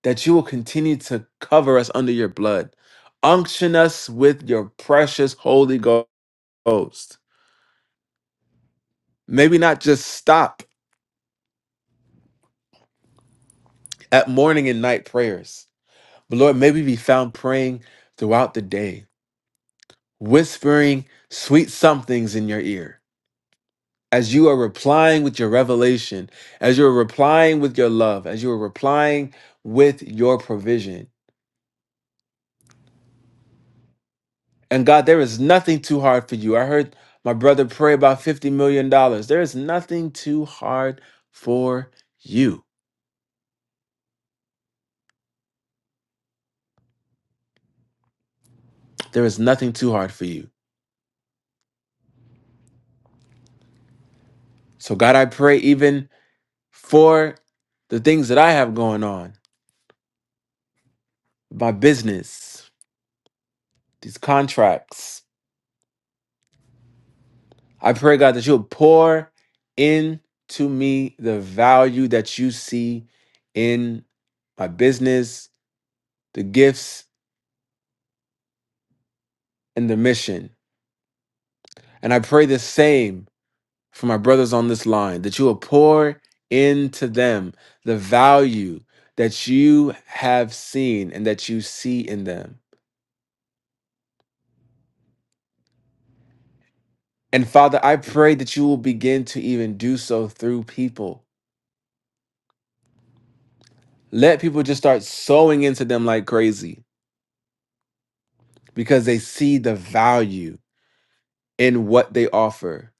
that you will continue to cover us under your blood. Unction us with your precious Holy Ghost Maybe not just stop at morning and night prayers, but Lord, maybe be found praying throughout the day, whispering sweet somethings in your ear. As you are replying with your revelation, as you're replying with your love, as you're replying with your provision. And God, there is nothing too hard for you. I heard my brother pray about $50 million. dollars. There is nothing too hard for you. There is nothing too hard for you. So, God, I pray even for the things that I have going on, my business, these contracts. I pray, God, that you'll pour into me the value that you see in my business, the gifts, and the mission. And I pray the same for my brothers on this line, that you will pour into them the value that you have seen and that you see in them. And Father, I pray that you will begin to even do so through people. Let people just start sowing into them like crazy because they see the value in what they offer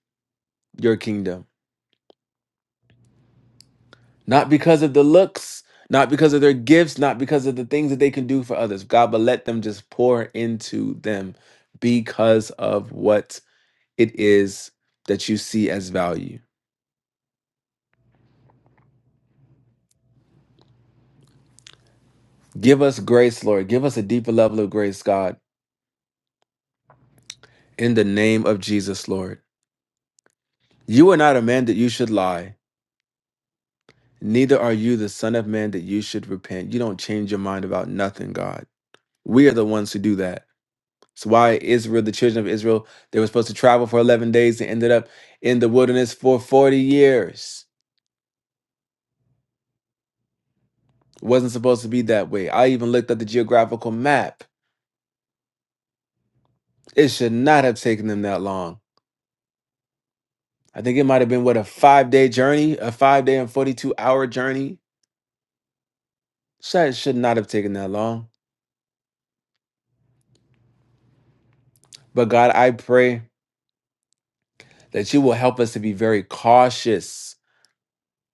your kingdom. Not because of the looks, not because of their gifts, not because of the things that they can do for others, God, but let them just pour into them because of what it is that you see as value. Give us grace, Lord. Give us a deeper level of grace, God, in the name of Jesus, Lord. You are not a man that you should lie, neither are you the son of man that you should repent. You don't change your mind about nothing, God. We are the ones who do that. It's why Israel, the children of Israel, they were supposed to travel for 11 days and ended up in the wilderness for 40 years. It Wasn't supposed to be that way. I even looked at the geographical map. It should not have taken them that long. I think it might have been, what, a five day journey, a five day and 42 hour journey? Should should not have taken that long. But God, I pray that you will help us to be very cautious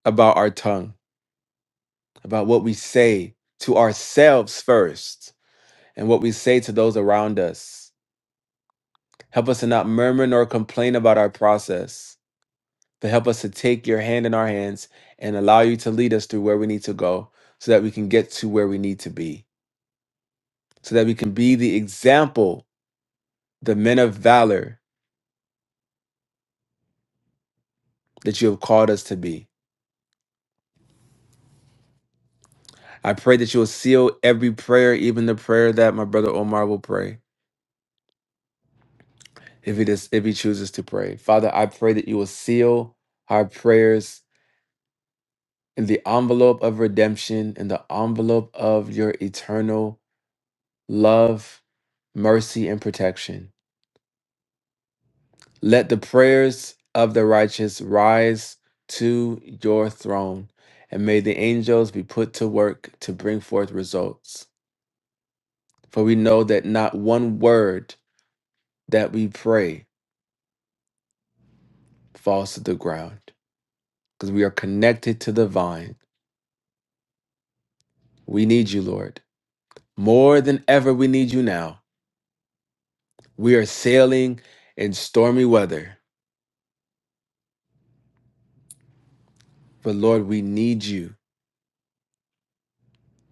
about our tongue, about what we say to ourselves first, and what we say to those around us. Help us to not murmur nor complain about our process, but help us to take your hand in our hands and allow you to lead us through where we need to go so that we can get to where we need to be, so that we can be the example, the men of valor that you have called us to be. I pray that you will seal every prayer, even the prayer that my brother Omar will pray if he does if he chooses to pray. Father, I pray that you will seal our prayers in the envelope of redemption, in the envelope of your eternal love, mercy, and protection. Let the prayers of the righteous rise to your throne, and may the angels be put to work to bring forth results. For we know that not one word that we pray falls to the ground, because we are connected to the vine. We need you, Lord. More than ever, we need you now. We are sailing in stormy weather, but Lord, we need you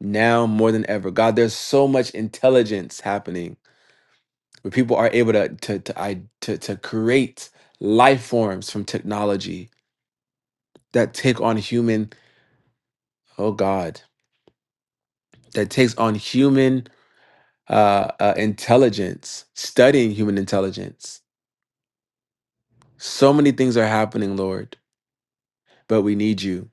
now more than ever. God, there's so much intelligence happening where people are able to, to, to, I- to, to create life forms from technology that take on human, oh God, that takes on human uh, uh, intelligence, studying human intelligence. So many things are happening, Lord, but we need you.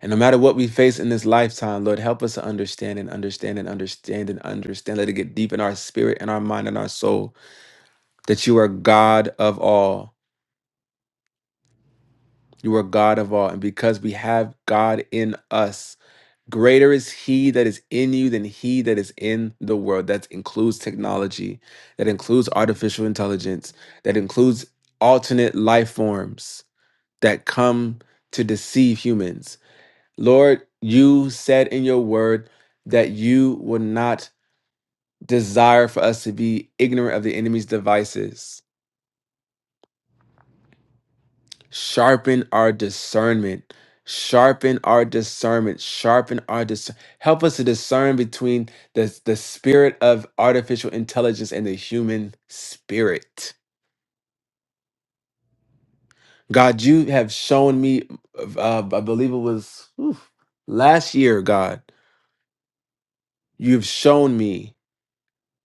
And no matter what we face in this lifetime, Lord, help us to understand and understand and understand and understand. Let it get deep in our spirit and our mind and our soul that you are God of all. You are God of all. And because we have God in us, greater is He that is in you than He that is in the world. That includes technology, that includes artificial intelligence, that includes alternate life forms that come to deceive humans Lord, you said in your word that you would not desire for us to be ignorant of the enemy's devices. Sharpen our discernment. Sharpen our discernment. Sharpen our dis. Help us to discern between the, the spirit of artificial intelligence and the human spirit. God, you have shown me, uh, I believe it was oof, last year, God, you've shown me.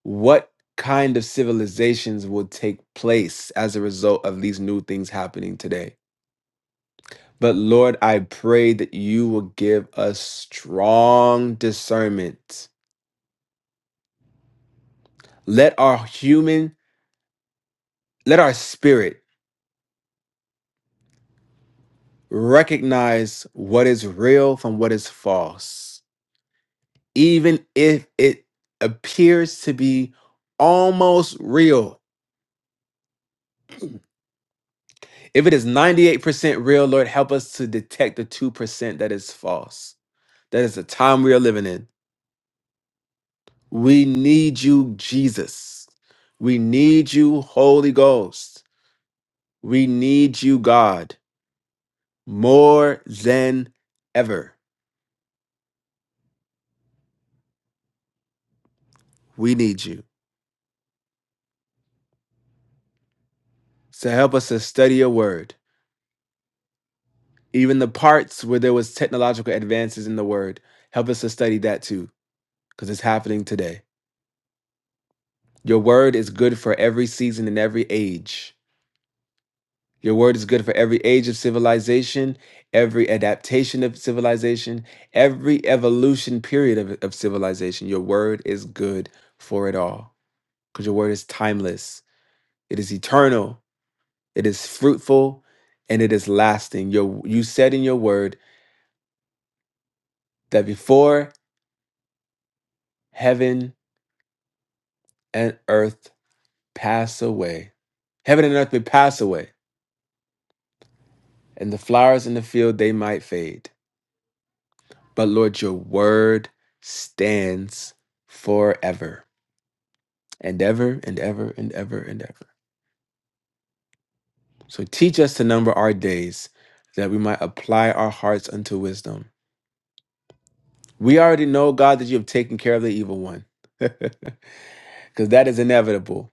what kind of civilizations will take place as a result of these new things happening today. But Lord, I pray that you will give us strong discernment. Let our human, let our spirit recognize what is real from what is false, even if it appears to be almost real. If it is 98% real, Lord, help us to detect the 2% that is false. That is the time we are living in. We need you, Jesus. We need you, Holy Ghost. We need you, God, more than ever. We need you. So help us to study your word. Even the parts where there was technological advances in the word, help us to study that too, because it's happening today. Your word is good for every season and every age. Your word is good for every age of civilization, every adaptation of civilization, every evolution period of, of civilization. Your word is good for it all because your word is timeless, it is eternal, it is fruitful, and it is lasting. Your, you said in your word that before heaven and earth pass away, heaven and earth may pass away, and the flowers in the field they might fade But Lord, your word stands forever and ever and ever and ever and ever. So teach us to number our days that we might apply our hearts unto wisdom. We already know, God, that you have taken care of the evil one because that is inevitable.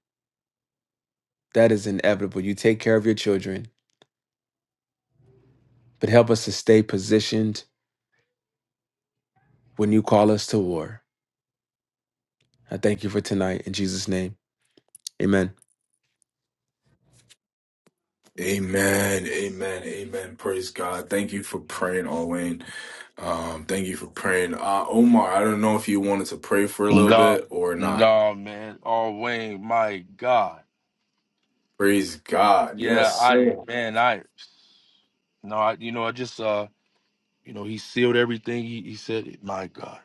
That is inevitable. You take care of your children, but help us to stay positioned when you call us to war. I thank you for tonight. In Jesus' name, amen.
Amen, amen, amen. Praise God. Thank you for praying, Alwayne. Um, thank you for praying. Uh, Omar, I don't know if you wanted to pray for a little
No,
bit or not.
no, man. Oh, Wayne, my God.
Praise God. Yes,
Yeah, I,
sir.
man, I, no, I, you know, I just, uh, you know, he sealed everything. He, he said it. My God.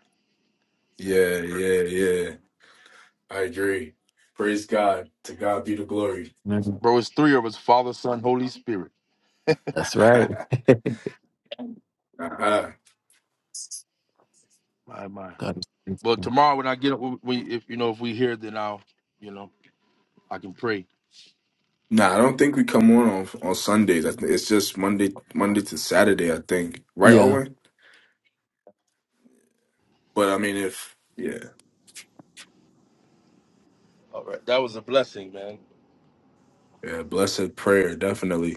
Yeah, yeah, yeah. I agree. Praise God. To God be the glory.
Bro, it's three of us Father, Son, Holy Spirit.
That's right.
uh-huh.
My, my.
God,
But tomorrow when I get up, we, we- if, you know, if we hear, then I'll, you know, I can pray.
Nah, I don't think we come on on, on Sundays. I think it's just Monday, Monday to Saturday. I think, right,
yeah.
Owen? But I mean, if yeah.
All right. That was a blessing, man.
Yeah, blessed prayer, definitely.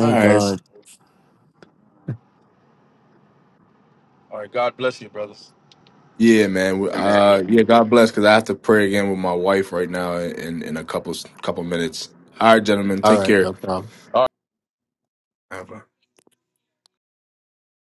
All right.
All right. God bless you, brothers.
Yeah, man. We-
Amen.
Uh, yeah, God bless. Because I have to pray again with my wife right now in in a couple couple minutes. All right, gentlemen,
All
take
right,
care.
no problem.
Have a-